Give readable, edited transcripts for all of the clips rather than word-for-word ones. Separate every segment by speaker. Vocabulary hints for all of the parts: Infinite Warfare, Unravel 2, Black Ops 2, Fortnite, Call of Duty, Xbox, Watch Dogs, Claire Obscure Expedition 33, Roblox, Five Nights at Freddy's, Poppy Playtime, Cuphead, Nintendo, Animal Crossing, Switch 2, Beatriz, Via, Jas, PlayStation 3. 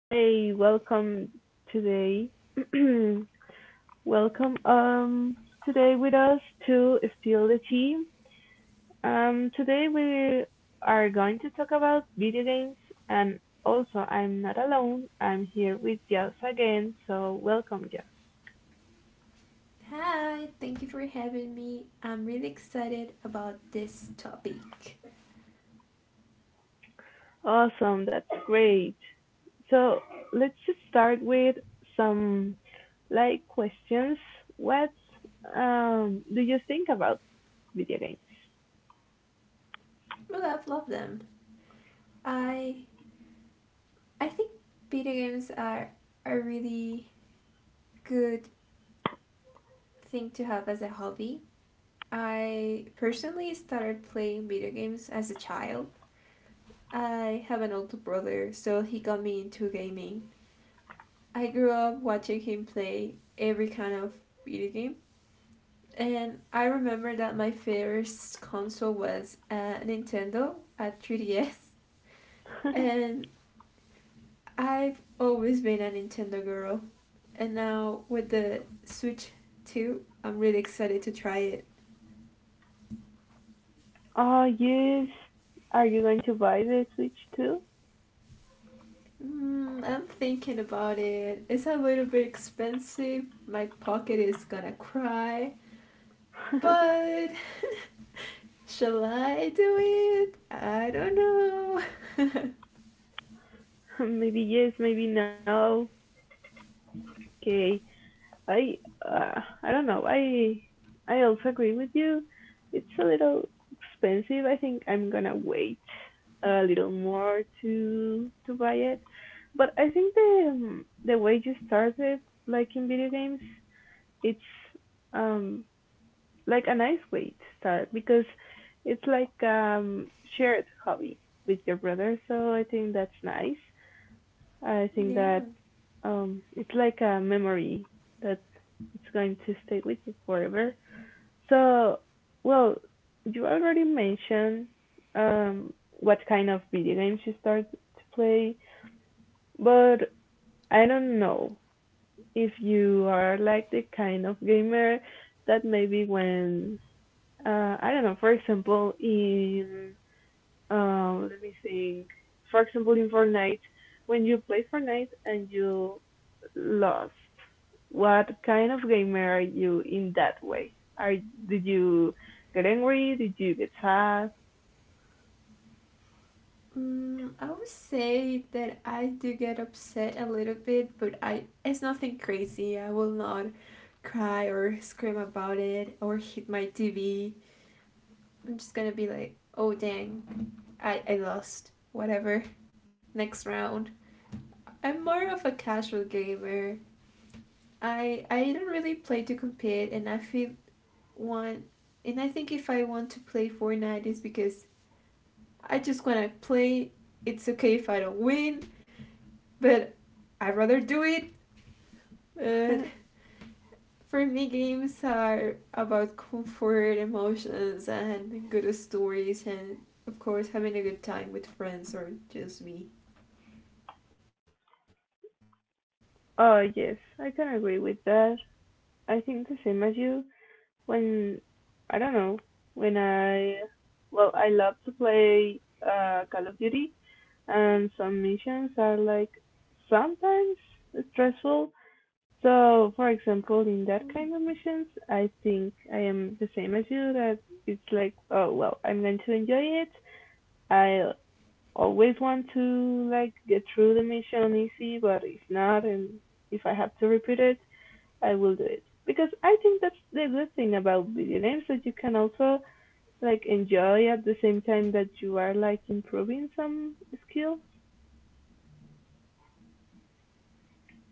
Speaker 1: Hey, welcome today. Welcome today with us to steal the Tea. Today we are going to talk about video games, and also I'm not alone. I'm here with Jas again, so welcome Jas.
Speaker 2: Hi, thank you for having me. I'm really excited about this topic.
Speaker 1: Awesome, that's great. So let's just start with some like questions. What do you think about video games?
Speaker 2: Well, I've loved them. I I think video games are a really good thing to have as a hobby. I personally started playing video games as a child. I have an older brother, so he got me into gaming. I grew up watching him play every kind of video game. And I remember that my first console was a Nintendo, a 3DS, and I've always been a Nintendo girl. And now with the Switch 2, I'm really excited to try it.
Speaker 1: Oh yes. Are you going to buy the Switch too?
Speaker 2: Mm, I'm thinking about it. It's a little bit expensive. My pocket is gonna cry. But shall I do it? I don't know.
Speaker 1: Maybe yes, maybe no. Okay. I I don't know. I also agree with you. It's a little expensive. I think I'm gonna wait a little more to buy it. But I think the way you started, like in video games, it's um like a nice way to start because it's like shared hobby with your brother. So I think that's nice. I think that
Speaker 2: Yeah.
Speaker 1: it's like a memory that it's going to stay with you forever. So well, you already mentioned um what kind of video games you start to play, but I don't know if you are like the kind of gamer that maybe when I don't know. For example, in let me think. For example, in Fortnite, when you play Fortnite and you lost, what kind of gamer are you in that way? Are Did you get angry? Did you get sad?
Speaker 2: Mm, I would say that I do get upset a little bit, but I it's nothing crazy. I will not cry or scream about it or hit my TV. I'm just gonna be like, oh dang, I lost. Whatever. Next round. I'm more of a casual gamer. I don't really play to compete and I feel want and I think if I want to play Fortnite is because I just wanna play it's okay if I don't win. But I'd rather do it. But for me, games are about comfort, emotions, and good stories, and of course, having a good time with friends or just me.
Speaker 1: Oh yes, I can agree with that. I think the same as you. When I don't know, when I well, I love to play Call of Duty, and some missions are like sometimes
Speaker 2: Mm.
Speaker 1: stressful. So, for example, in that kind of missions, I think I am the same as you. That it's like, oh well, I'm going to enjoy it. I always want to like get through the mission easy, but if not, and if I have to repeat it, I will do it because I think that's the good thing about video games that you can also like enjoy at the same time that you are like improving some skills.
Speaker 2: Yeah.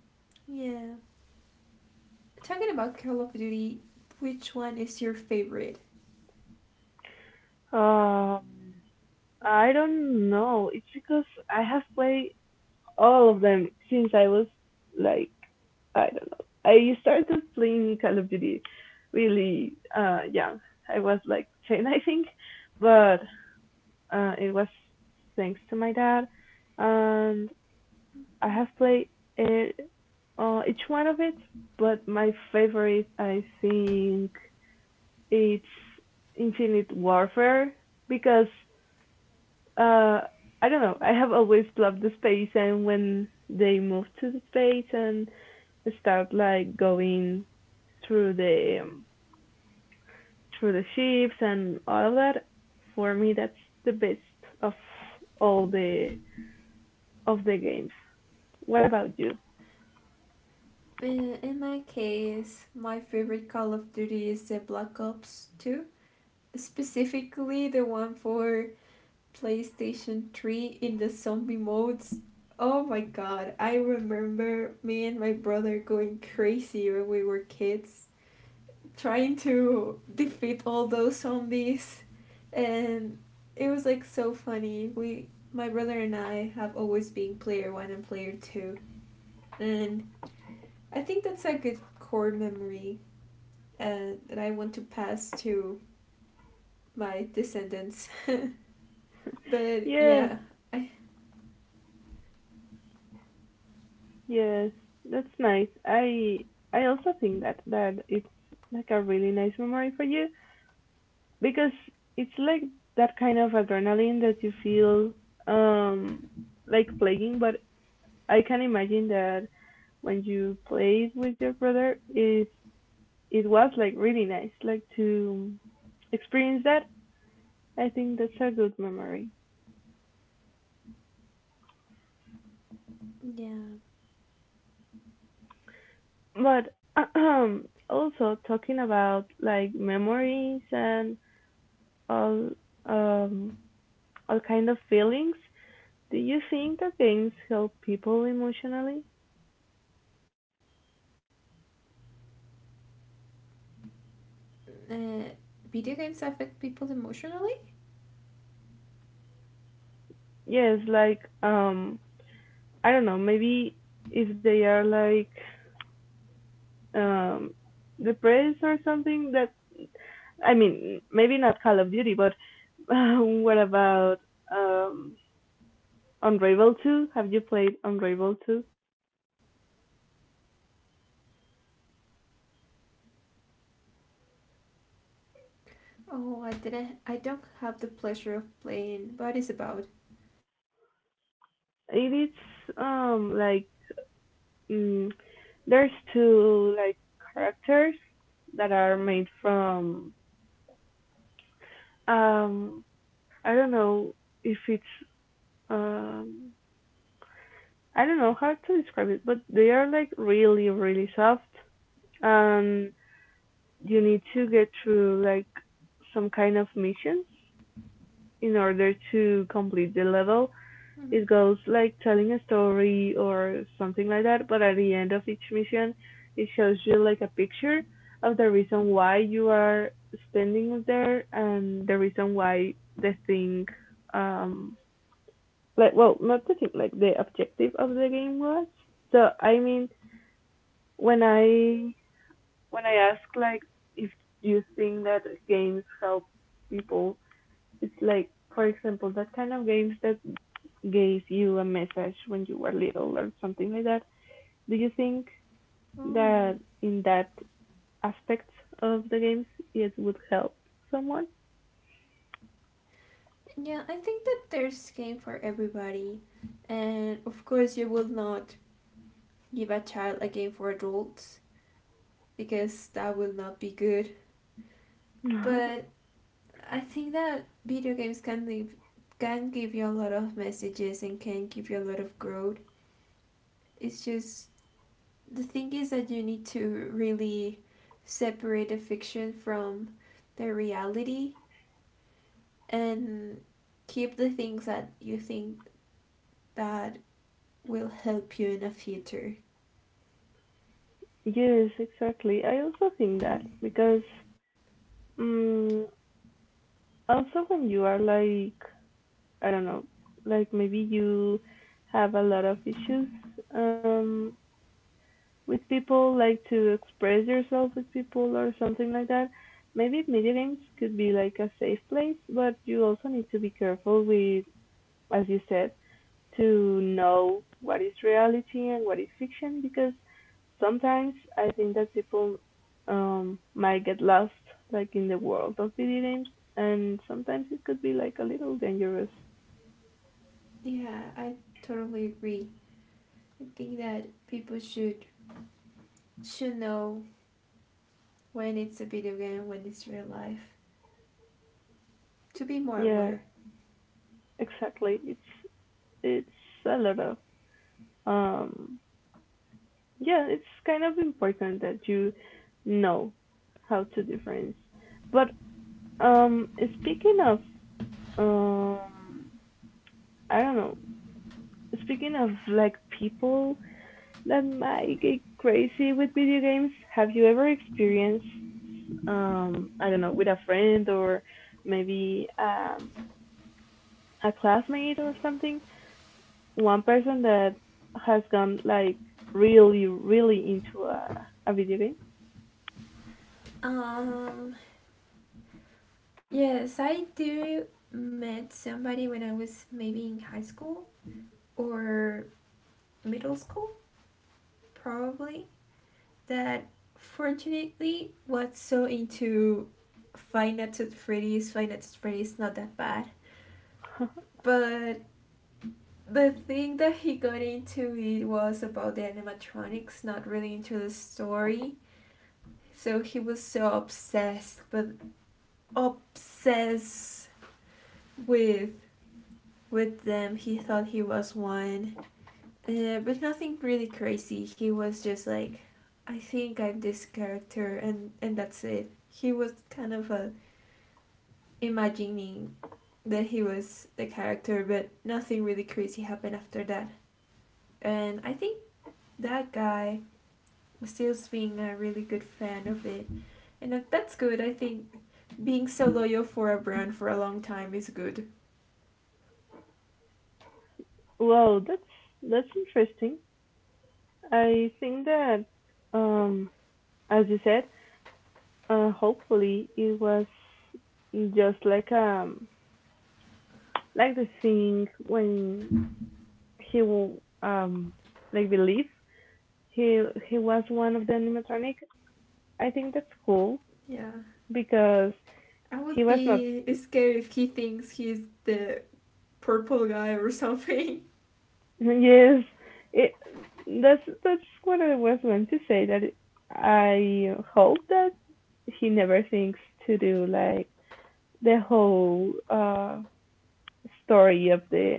Speaker 2: Talking about Call of Duty, which one is your favorite?
Speaker 1: Um, I don't know. It's because I have played all of them since I was like I don't know. I started playing Call of Duty really young. I was like ten I think. But it was thanks to my dad, and
Speaker 2: Mm-hmm.
Speaker 1: I have played it, each one of it, but my favorite, I think, it's Infinite Warfare because uh, I don't know. I have always loved the space, and when they moved to the space and start like going through the um, through the ships and all of that, for me, that's the best of all the of the games. What about you?
Speaker 2: In my case, my favorite Call of Duty is the Black Ops 2, specifically the one for PlayStation 3 in the zombie modes. Oh my god, I remember me and my brother going crazy when we were kids, trying to defeat all those zombies. And it was like so funny. We My brother and I have always been player 1 and player 2. And I think that's a good core memory that I want to pass to my descendants. But
Speaker 1: Yeah.
Speaker 2: yeah, I
Speaker 1: Yes, that's nice. I also think that it's like a really nice memory for you because it's like that kind of adrenaline that you feel um like playing, but I can imagine that when you played with your brother is it was like really nice like to experience that. I think that's a good memory.
Speaker 2: yeah.
Speaker 1: But also talking about like memories and all um all kind of feelings. Do you think that games help people emotionally?
Speaker 2: Uh, Video games affect people emotionally?
Speaker 1: Yes, like I don't know, maybe if they are like um depressed or something. That I mean, maybe not Call of Duty, but what about um Unravel 2? Have you played Unravel 2?
Speaker 2: Oh, I didn't. I don't have the pleasure of playing. What is about?
Speaker 1: It is like mm, there's two like characters that are made from um I don't know if it's um I don't know how to describe it, but they are like really, really soft, and you need to get through like some kind of missions in order to complete the
Speaker 2: Mhm.
Speaker 1: level. It goes like telling a story or something like that, but at the end of each mission it shows you like a picture of the reason why you are standing there and the reason why the thing um like well not the thing like the objective of the game was. So I mean, when i when I ask like if you think that games help people, it's like for example that kind of games that gave you a message when you were little or something like that. Do you think
Speaker 2: Mm.
Speaker 1: that in that aspect of the games it would help someone?
Speaker 2: Yeah, I think that there's a game for everybody, and of course you will not give a child a game for adults because that will not be good. But I think that video games can leave, can give you a lot of messages and can give you a lot of growth. It's just the thing is that you need to really separate the fiction from the reality and keep the things that you think that will help you in the future.
Speaker 1: Yes, exactly, I also think that. Because um, also when you are like I don't know, like maybe you have a lot of issues um with people like to express yourself with people or something like that, maybe video games could be like a safe place, but you also need to be careful with, as you said, to know what is reality and what is fiction, because sometimes I think that people might get lost like in the world of video games, and sometimes it could be like a little dangerous.
Speaker 2: Yeah, I totally agree. I think that people should know when it's a video game, when it's real life, to be more
Speaker 1: Yeah,
Speaker 2: aware.
Speaker 1: exactly. It's a lot of um yeah, it's kind of important that you know how to difference. But um speaking of um I don't know, speaking of like people that might get crazy with video games. Have you ever experienced, I don't know, with a friend or maybe a classmate or something, one person that has gone like really, really into a video game?
Speaker 2: um yes, I do met somebody when I was maybe in high school or middle school probably that fortunately was so into Five Nights at Freddy's. Five Nights at Freddy's not that bad, but the thing that he got into it was about the animatronics, not really into the story. So he was so obsessed, but obsessed with with them. He thought he was one, but nothing really crazy. He was just like, I think I'm this character, and that's it. He was kind of a imagining that he was the character, but nothing really crazy happened after that. And I think that guy still being a really good fan of it, and that's good. I think being so loyal for a brand for a long time is good.
Speaker 1: Well, that's interesting. I think that, um, as you said, hopefully it was just like the thing when he um like believe he he was one of the animatronic. I think that's cool
Speaker 2: Yeah,
Speaker 1: because
Speaker 2: I would
Speaker 1: he was not.
Speaker 2: be scared if he thinks he's the purple guy or something.
Speaker 1: Yes, it that's what I was going to say. That it, I hope that he never thinks to do like the whole story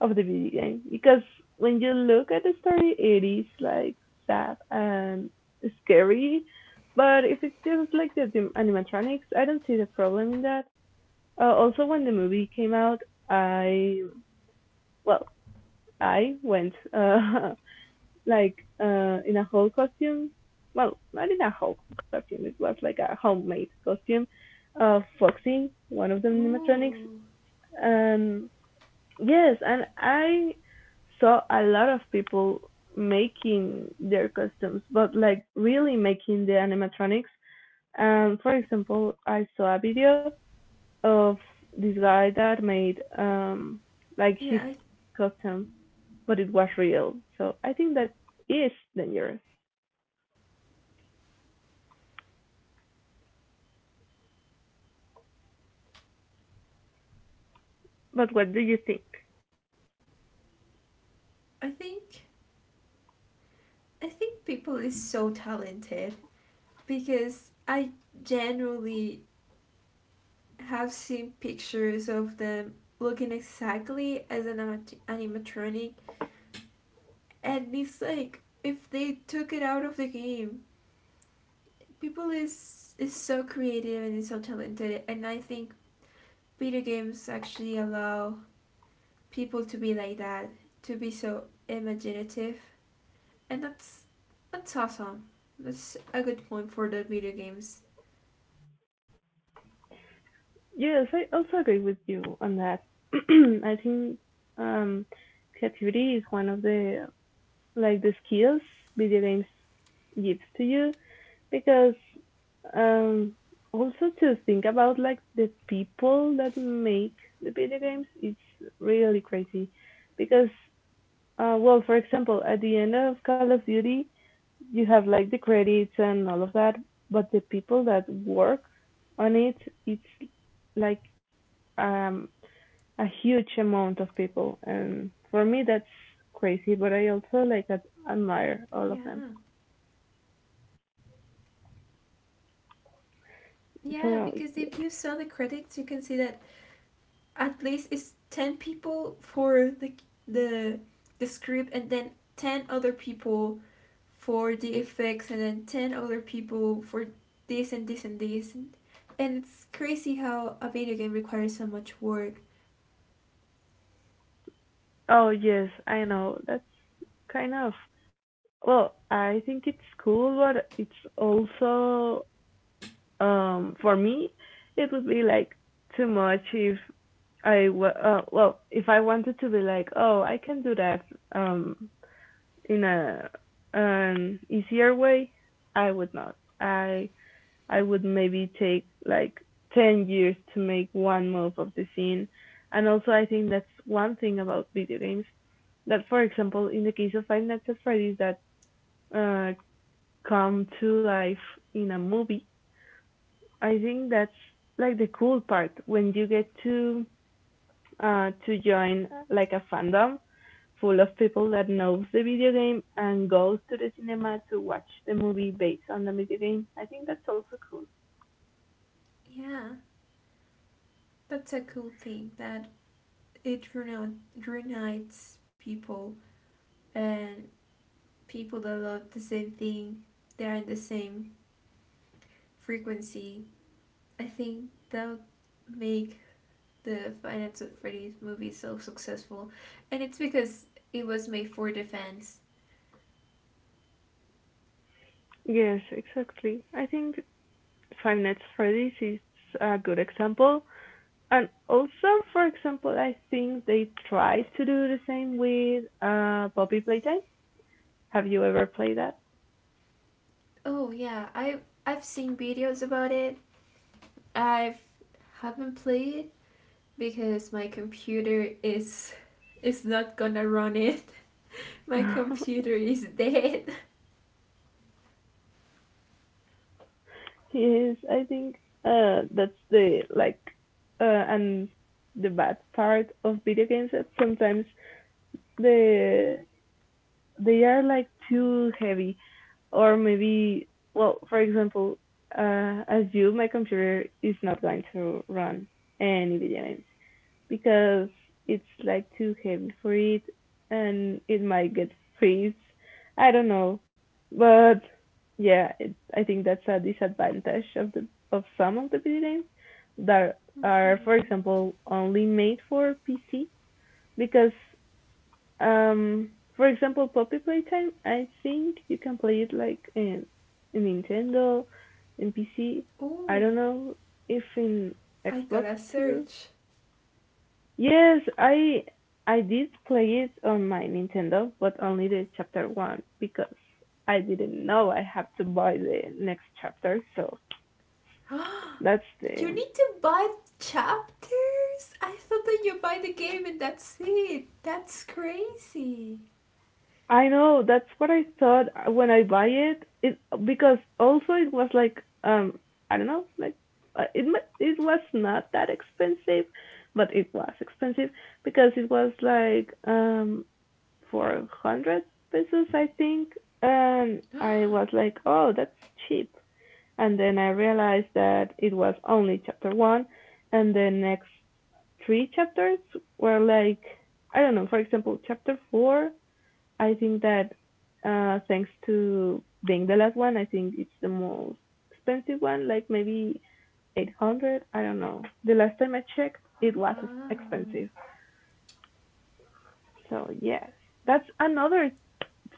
Speaker 1: of the video game, because when you look at the story it is like sad and scary, but if it's just like the animatronics, I don't see the problem in that. Uh, also when the movie came out, I well, I went like in a whole costume, well not in a whole costume, it was like a homemade costume of Foxy, one of the animatronics.
Speaker 2: Ooh,
Speaker 1: And yes, and I saw a lot of people making their costumes, but like really making the animatronics. For example, I saw a video of
Speaker 2: yeah.
Speaker 1: this guy that made like his costume, but it was real. So I think that is dangerous. But what do you think?
Speaker 2: I think I think people is so talented because I generally have seen pictures of them looking exactly as an animatronic, and it's like if they took it out of the game, people is so creative and is so talented, and I think video games actually allow people to be like that, to be so imaginative, and that's awesome. That's a good point for the video games.
Speaker 1: Yes, I also agree with you on that. I think um, creativity is one of the like the skills video games gives to you because um also to think about like the people that make the video games, it's really crazy because well for example at the end of Call of Duty you have like the credits and all of that, but the people that work on it it's like um a huge amount of people, and for me that's crazy, but I also like admire all of them.
Speaker 2: Yeah. Yeah,
Speaker 1: So,
Speaker 2: because if you saw the critics, you can see that at least it's 10 people for the the script and then 10 other people for the effects and then 10 other people for this and this and this and it's crazy how a video game requires so much work.
Speaker 1: oh yes, I know. That's kind of well, I think it's cool, but it's also for me it would be like too much. If well, if I wanted to be like, oh, I can do that um in a an easier way, I would not. I would maybe take like 10 years to make one move of the scene. And also I think that's one thing about video games that for example in the case of Five Nights at Freddy's, that uh come to life in a movie, I think that's like the cool part when you get to join like a fandom full of people that knows the video game and goes to the cinema to watch the movie based on the video game. I think that's also cool.
Speaker 2: Yeah, that's a cool thing that it reunites people and people that love the same thing, they are in the same frequency. I think that would make the Finance with Freddy's movie so successful, and it's because it was made for defense.
Speaker 1: Yes, exactly. I think Five Nights at Freddy's is a good example. And also, for example, I think they try to do the same with Poppy Playtime. Have you ever played that?
Speaker 2: Oh yeah, I've seen videos about it. I've Haven't played it because my computer is not gonna run it. My computer is dead.
Speaker 1: Yes, I think that's the like and the bad part of video games that sometimes the they are like too heavy, or maybe well for example as you my computer is not going to run any video games, because it's like too heavy for it, and it might get freeze. I don't know. But yeah, it, I think that's a disadvantage of the of some of the video games that are for
Speaker 2: Mhm.
Speaker 1: example only made for PC, because for example Poppy Playtime I think you can play it like in Nintendo in PC. I
Speaker 2: Oh,
Speaker 1: don't know if in
Speaker 2: I
Speaker 1: Xbox
Speaker 2: gotta
Speaker 1: too.
Speaker 2: search.
Speaker 1: Yes, I did play it on my Nintendo, but only the chapter one because I didn't know I had to buy the next chapter. So that's
Speaker 2: You
Speaker 1: the
Speaker 2: need to buy chapters. I thought that you buy the game and that's it. That's crazy.
Speaker 1: I know that's what I thought when I buy it. It because also it was like I don't know like it was not that expensive, but it was expensive because it was like 400 pesos, I think. And I was like, oh, that's cheap. And then I realized that it was only chapter one. And the next three chapters were like, I don't know, for example, chapter four, I think that thanks to being the last one, I think it's the most expensive one, like maybe 800. I don't know. The last time I checked, it was expensive.
Speaker 2: Wow.
Speaker 1: So, yes. That's another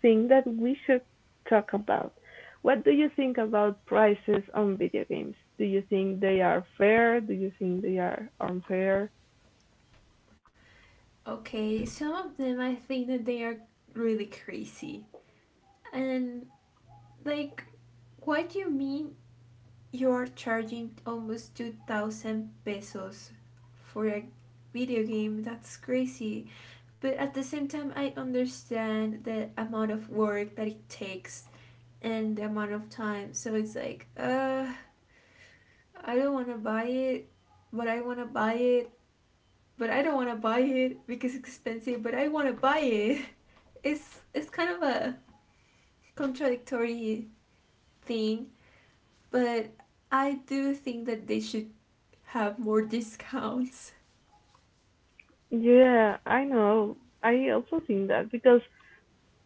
Speaker 1: thing that we should talk about. What do you think about prices on video games? Do you think they are fair? Do you think they are unfair?
Speaker 2: Okay, some of them I think that they are really crazy. And like what do you mean you are charging almost 2000 pesos for a video game? That's crazy. But at the same time I understand the amount of work that it takes and the amount of time. So it's like, I don't want to buy it, but I want to buy it, but I don't want to buy it because it's expensive, but I want to buy it. It's kind of a contradictory thing, but I do think that they should have more discounts.
Speaker 1: Yeah, I know. I also think that because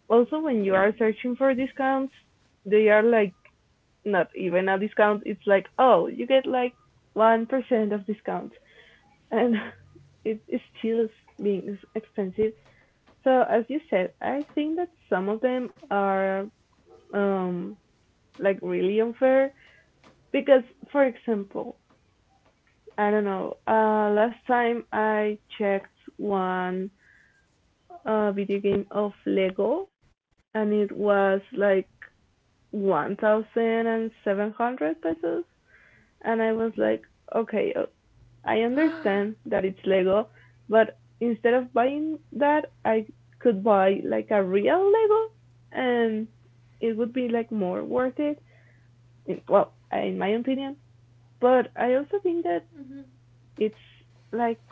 Speaker 1: also when you are searching for discounts, they are like not even a discount. It's like, oh, you get like 1% of discount. And it is still being expensive. So as you said, I think that some of them are um like really unfair because, for example, I don't know, last time I checked one video game of lego and it was like 1700 pesos and I was like, okay, I understand that it's lego, but instead of buying that I could buy like a real lego, and it would be like more worth it, well, in my opinion. But I also think
Speaker 2: Mhm.
Speaker 1: that it's like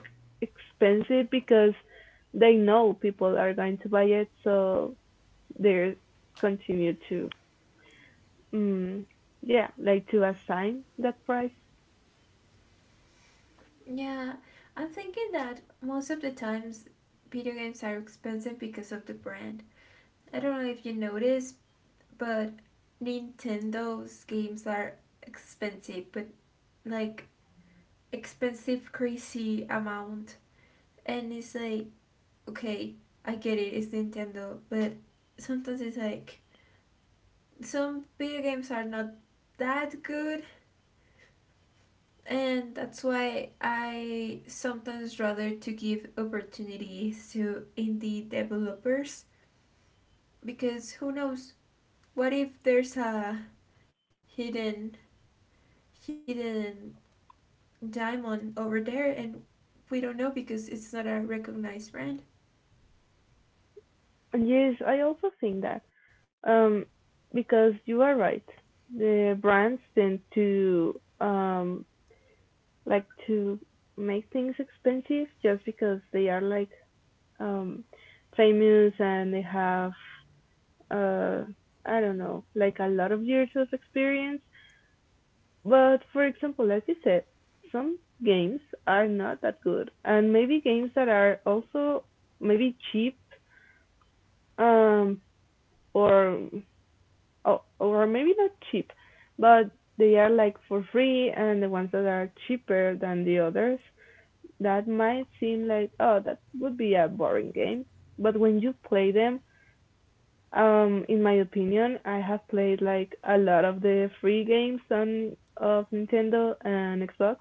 Speaker 1: expensive because they know people are going to buy it, so they continue to, mm, yeah, like to assign that price.
Speaker 2: Yeah, I'm thinking that most of the times video games are expensive because of the brand. I don't know if you noticed, but Nintendo's games are expensive, but like expensive crazy amount. And it's like okay, I get it, it's Nintendo, but sometimes it's like some video games are not that good and that's why I sometimes rather to give opportunities to indie developers because who knows, what if there's a hidden hidden diamond over there and we don't know because it's not a recognized brand.
Speaker 1: And yes, I also think that, um, because you are right, the brands tend to, like to make things expensive just because they are like, um, famous and they have uh, I don't know, like a lot of years of experience. But for example, as you said, some games are not that good, and maybe games that are also maybe cheap, um, or or maybe not cheap, but they are like for free, and the ones that are cheaper than the others, that might seem like, oh, that would be a boring game, but when you play them, in my opinion, I have played like a lot of the free games on of Nintendo and Xbox,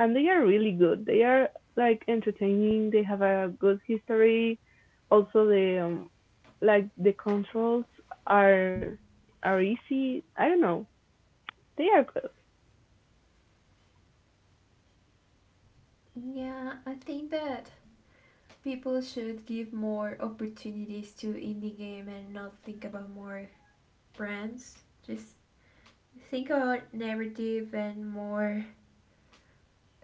Speaker 1: and they are really good. They are like entertaining. They have a good history. Also, the like the controls are are easy. I don't know. They are good.
Speaker 2: Yeah, I think that people should give more opportunities to indie game and not think about more brands, just think about narrative and more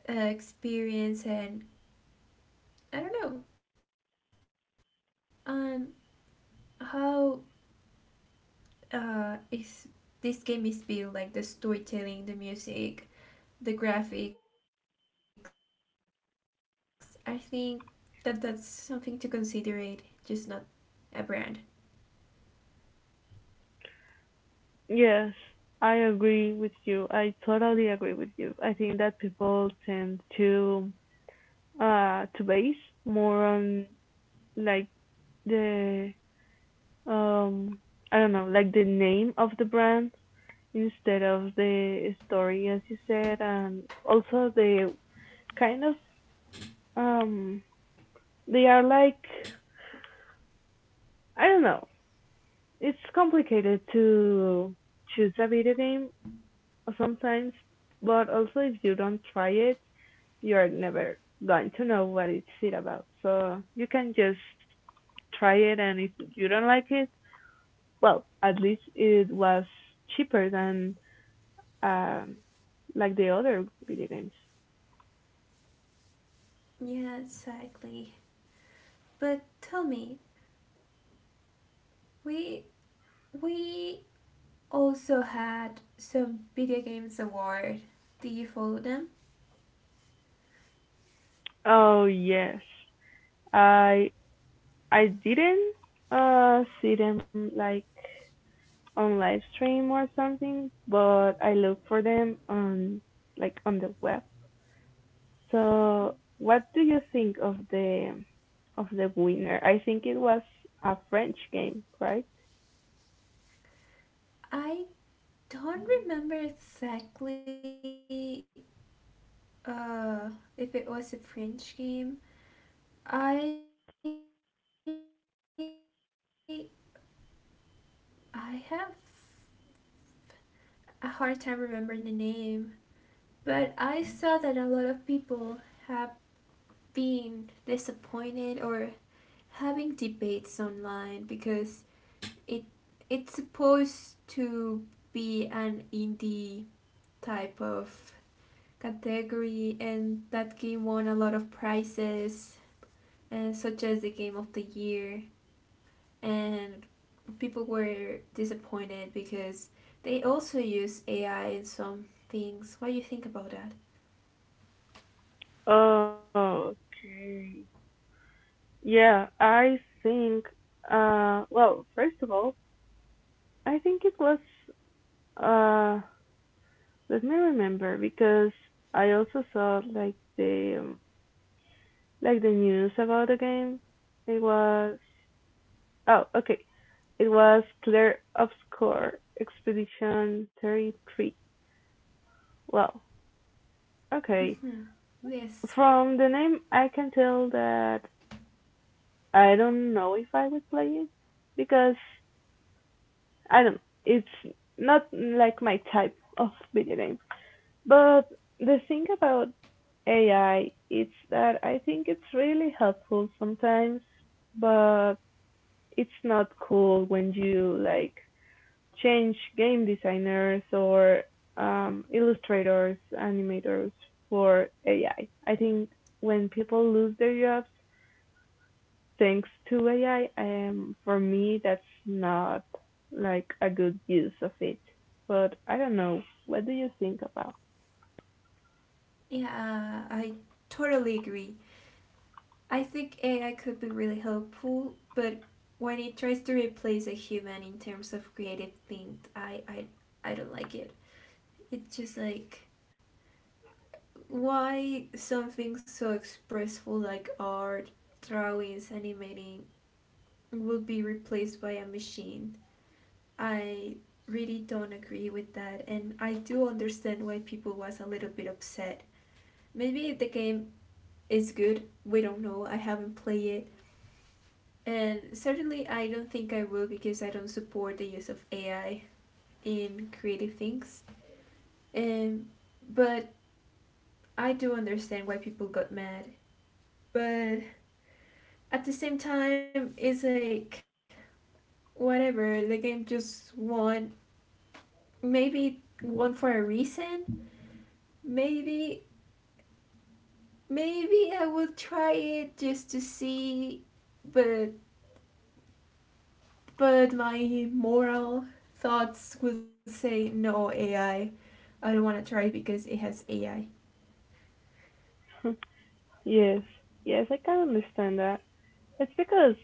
Speaker 2: experience and I don't know um how is this game is built, like the storytelling, the music, the graphics. I think that that's something to consider it, just not a brand.
Speaker 1: Yes, I agree with you. I totally agree with you. I think that people tend to base more on like the um I don't know, like the name of the brand instead of the story, as you said, and also the kind of um they are like I don't know. It's complicated to choose a video game sometimes, but also if you don't try it, you're never going to know what it about. So you can just try it, and if you don't like it, well, at least it was cheaper than um like the other video games.
Speaker 2: Yeah, exactly. But tell me, we we also had some video games award. Do you follow them?
Speaker 1: Oh yes. I I didn't see them like on live stream or something, but I look for them on like on the web. So what do you think of the winner? I think it was a French game, right?
Speaker 2: I don't remember exactly uh, if it was a French game. I I have a hard time remembering the name, but I saw that a lot of people have been disappointed or having debates online because it it's supposed to be an indie type of category, and that game won a lot of prizes, such as the game of the year. And people were disappointed because they also use AI in some things. What do you think about that?
Speaker 1: Oh, okay. Yeah, I think well, first of all, I think it was uh let me remember because I also saw like the news about the game. It was, oh, okay. It was Claire Obscure Expedition 33. Well,
Speaker 2: Mm-hmm.
Speaker 1: okay.
Speaker 2: Yes,
Speaker 1: From the name, I can tell that I don't know if I would play it because I don't. It's not like my type of video game. But the thing about AI is that I think it's really helpful sometimes, but it's not cool when you like change game designers or illustrators, animators for AI. I think when people lose their jobs thanks to AI, for me that's not like a good use of it. But I don't know. What do you think about?
Speaker 2: yeah, I totally agree. I think AI could be really helpful, but when it tries to replace a human in terms of creative things, I don't like it. It's just like why something so expressful like art, drawings, animating would be replaced by a machine. I really don't agree with that and I do understand why people was a little bit upset. Maybe the game is good, we don't know, I haven't played it. And certainly I don't think I will because I don't support the use of AI in creative things. Um but I do understand why people got mad. But at the same time it's like whatever the game just won, maybe it won for a reason, maybe maybe I will try it just to see, but but my moral thoughts would say no AI. I don't want to try it because it has AI.
Speaker 1: Yes, yes, I can understand that. It's because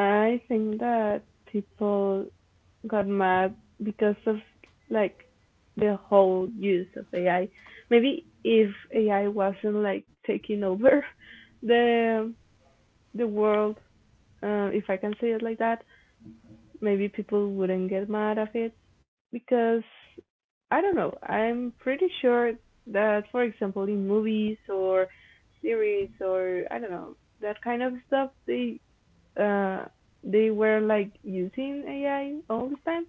Speaker 1: I think that people got mad because of like the whole use of AI. Maybe if AI wasn't like taking over the the world, if I can say it like that, maybe people wouldn't get mad at it because I don't know. I'm pretty sure that, for example, in movies or series or I don't know that kind of stuff, uh they were like using AI all the time.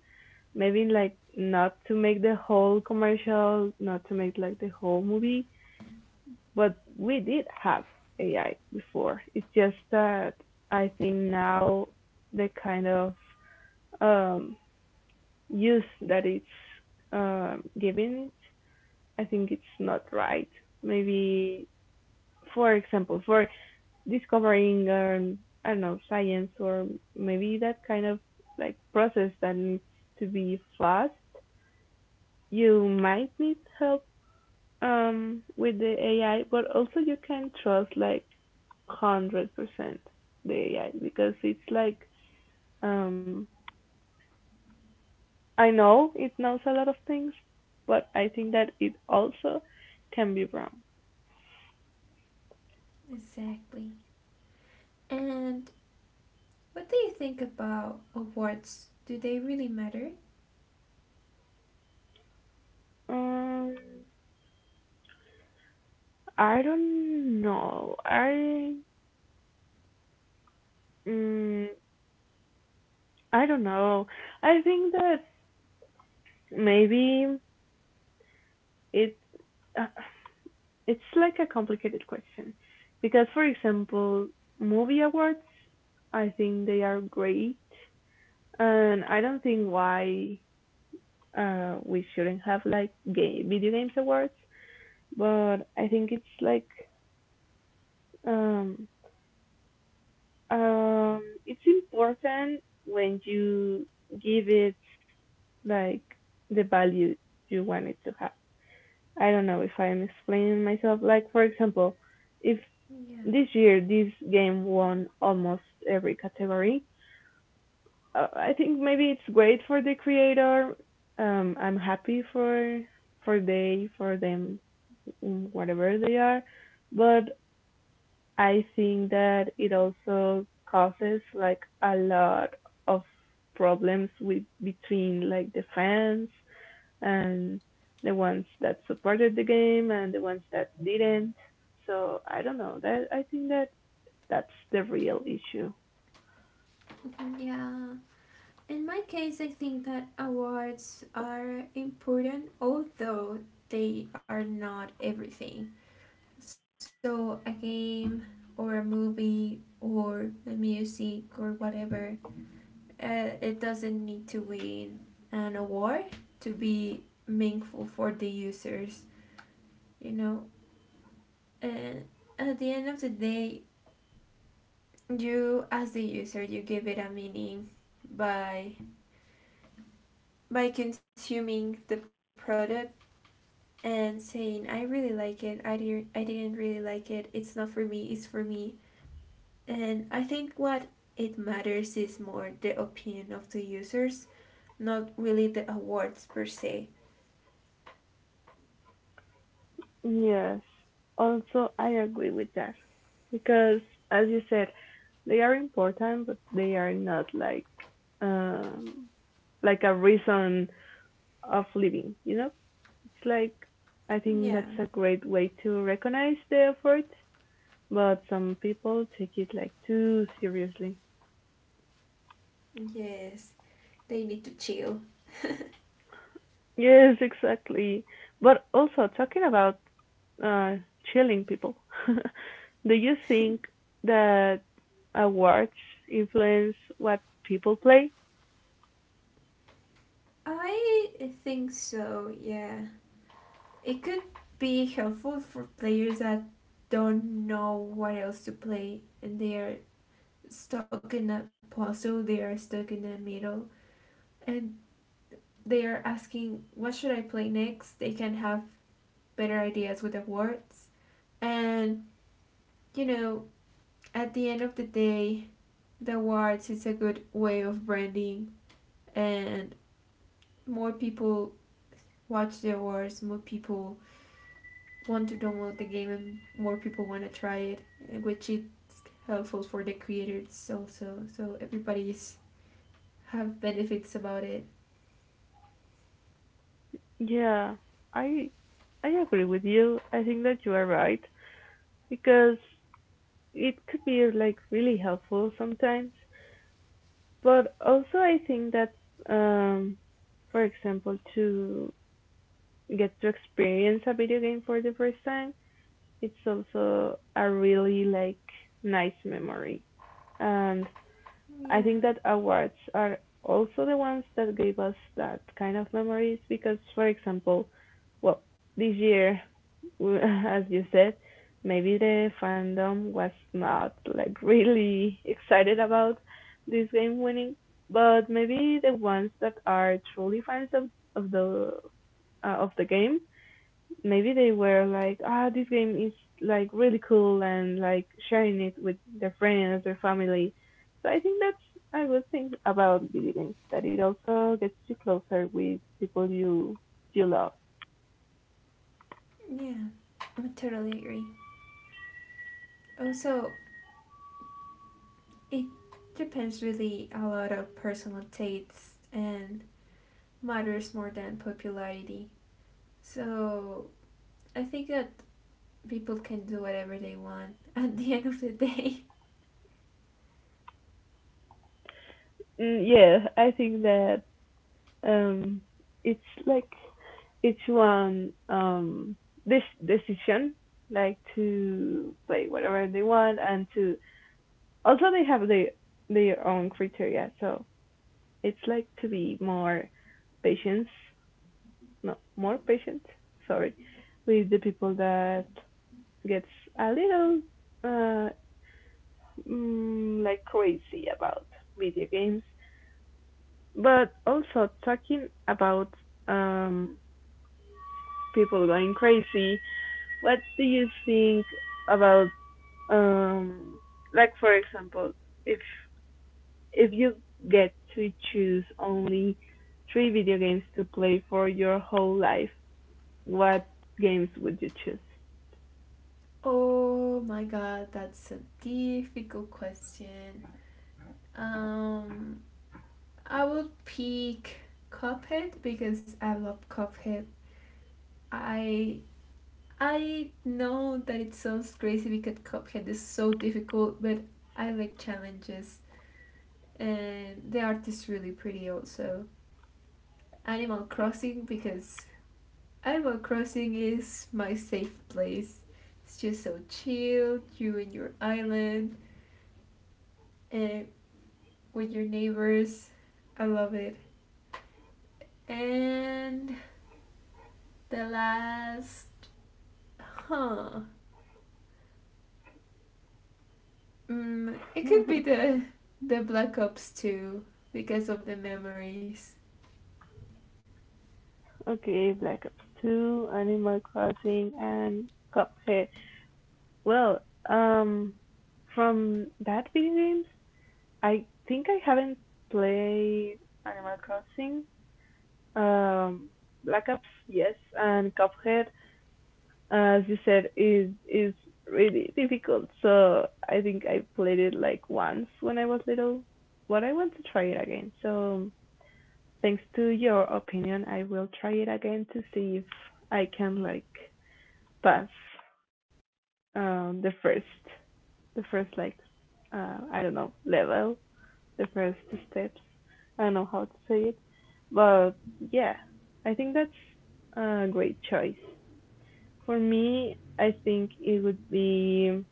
Speaker 1: Maybe like not to make the whole commercial, not to make like the whole movie, but we did have AI before. It's just that I think now the kind of um use that it's giving it. I think it's not right. Maybe, for example, for discovering, I don't know, science or maybe that kind of like process that needs to be fast, you might need help with the AI, but also you can trust like 100% the AI because it's like, um, I know it knows a lot of things, but I think that it also can be wrong.
Speaker 2: Exactly. And what do you think about awards? Do they really matter?
Speaker 1: Um, I don't know. Um, I don't know. I think that maybe it uh, it's like a complicated question because, for example, movie awards. I think they are great, and I don't think why we shouldn't have like game video games awards. But I think it's like Um, it's important when you give it like the value you want it to have. I don't know if I'm explaining myself. Like, for example, if
Speaker 2: Yeah,
Speaker 1: this year this game won almost every category, I think maybe it's great for the creator. I'm happy for they for them, whatever they are. But I think that it also causes like a lot of problems with between like the fans and the ones that supported the game and the ones that didn't. So I don't know. That I think that that's the real issue.
Speaker 2: yeah. In my case, I think that awards are important, although they are not everything. So, a game or a movie or the music or whatever, it doesn't need to win an award to be meaningful for the users, you know? And at the end of the day, you, as the user, you give it a meaning by by consuming the product and saying, I really like it, I didn't really like it, it's not for me, it's for me. And I think what it matters is more the opinion of the users, not really the awards per se.
Speaker 1: Yes. Also, I agree with that because, as you said, they are important, but they are not like um like a reason of living. You know. It's like I think
Speaker 2: Yeah,
Speaker 1: that's a great way to recognize the effort, but some people take it like too seriously.
Speaker 2: yes, they need to chill.
Speaker 1: Yes, exactly. But also talking about uh, chilling people, do you think that awards influence what people play?
Speaker 2: I think so, yeah. It could be helpful for players that don't know what else to play and they are stuck in a puzzle, they are stuck in the middle, and they are asking what should I play next. They can have better ideas with awards. And you know, at the end of the day, the awards is a good way of branding, and more people watch the awards, more people want to download the game and more people want to try it, which is helpful for the creators also. So everybody's have benefits about it.
Speaker 1: Yeah, I I agree with you. I think that you are right because it could be like really helpful sometimes. But also I think that um for example, to get to experience a video game for the first time, it's also a really like nice memory. And I
Speaker 2: Yeah.
Speaker 1: think that awards are also the ones that gave us that kind of memories because, for example, well, this year w- as you said, maybe the fandom was not like really excited about this game winning, but maybe the ones that are truly fans of of the of the game, maybe they were like, ah, this game is like really cool and like sharing it with their friends, their family. So I think that's I would think about video games that it also gets you closer with people you love.
Speaker 2: Yeah. I totally agree. Also, it depends really a lot of personal tastes and matters more than popularity. So I think that people can do whatever they want at the end of the day.
Speaker 1: Mm, yeah, I think that Um, it's like each one this decision like to play whatever they want, and to also they have their own criteria, so it's like to be more patient, no, more patient, sorry, with the people that gets a little uh like crazy about video games. But also talking about um people going crazy, what do you think about um like, for example, if you get to choose only three video games to play for your whole life, what games would you choose?
Speaker 2: Oh my god, that's a difficult question. Um, I would pick Cuphead because I love Cuphead. I I know that it sounds crazy because Cuphead is so difficult, but I like challenges. And the art is really pretty also. Animal Crossing because Animal Crossing is my safe place. It's just so chill, you and your island and with your neighbors. I love it. And the last huh. Mm, it could be the Black Ops 2 because of the memories.
Speaker 1: Okay, Black Ops 2, Animal Crossing and Cuphead. Well, um from that video games, I think I haven't played Animal Crossing. Um, Black Ops, yes, and Cuphead, as you said, is really difficult. So I think I played it like once when I was little, but I want to try it again. So thanks to your opinion, I will try it again to see if I can like pass the first the first like I don't know, level, the first steps. I don't know how to say it, but yeah, I think that's a great choice. For me, I think it would be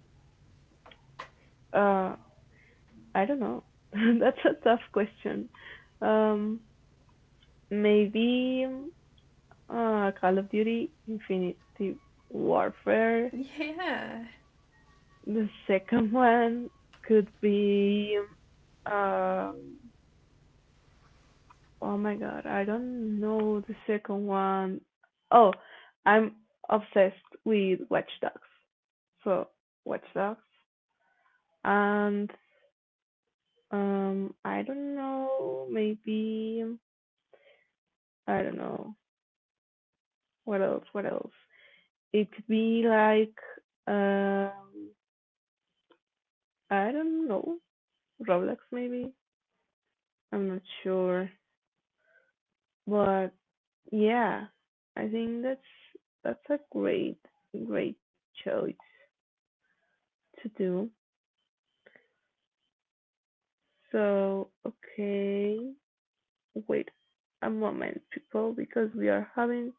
Speaker 1: uh I don't know. That's a tough question. Um maybe Call of Duty
Speaker 2: Yeah.
Speaker 1: Infinity Warfare. The second one could be um oh my god, I don't know the second one. Oh, I'm obsessed with Watch Dogs. So Watch Dogs and I don't know. Maybe I don't know. What else? What else? It could be like um, I don't know.
Speaker 2: Como que
Speaker 1: Roblox
Speaker 2: eu
Speaker 1: maybe. I'm not sure. But yeah, I think that's a great great choice to do. So okay, wait a moment, people, because we are having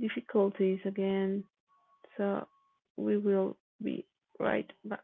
Speaker 1: difficulties again. So we will be right back.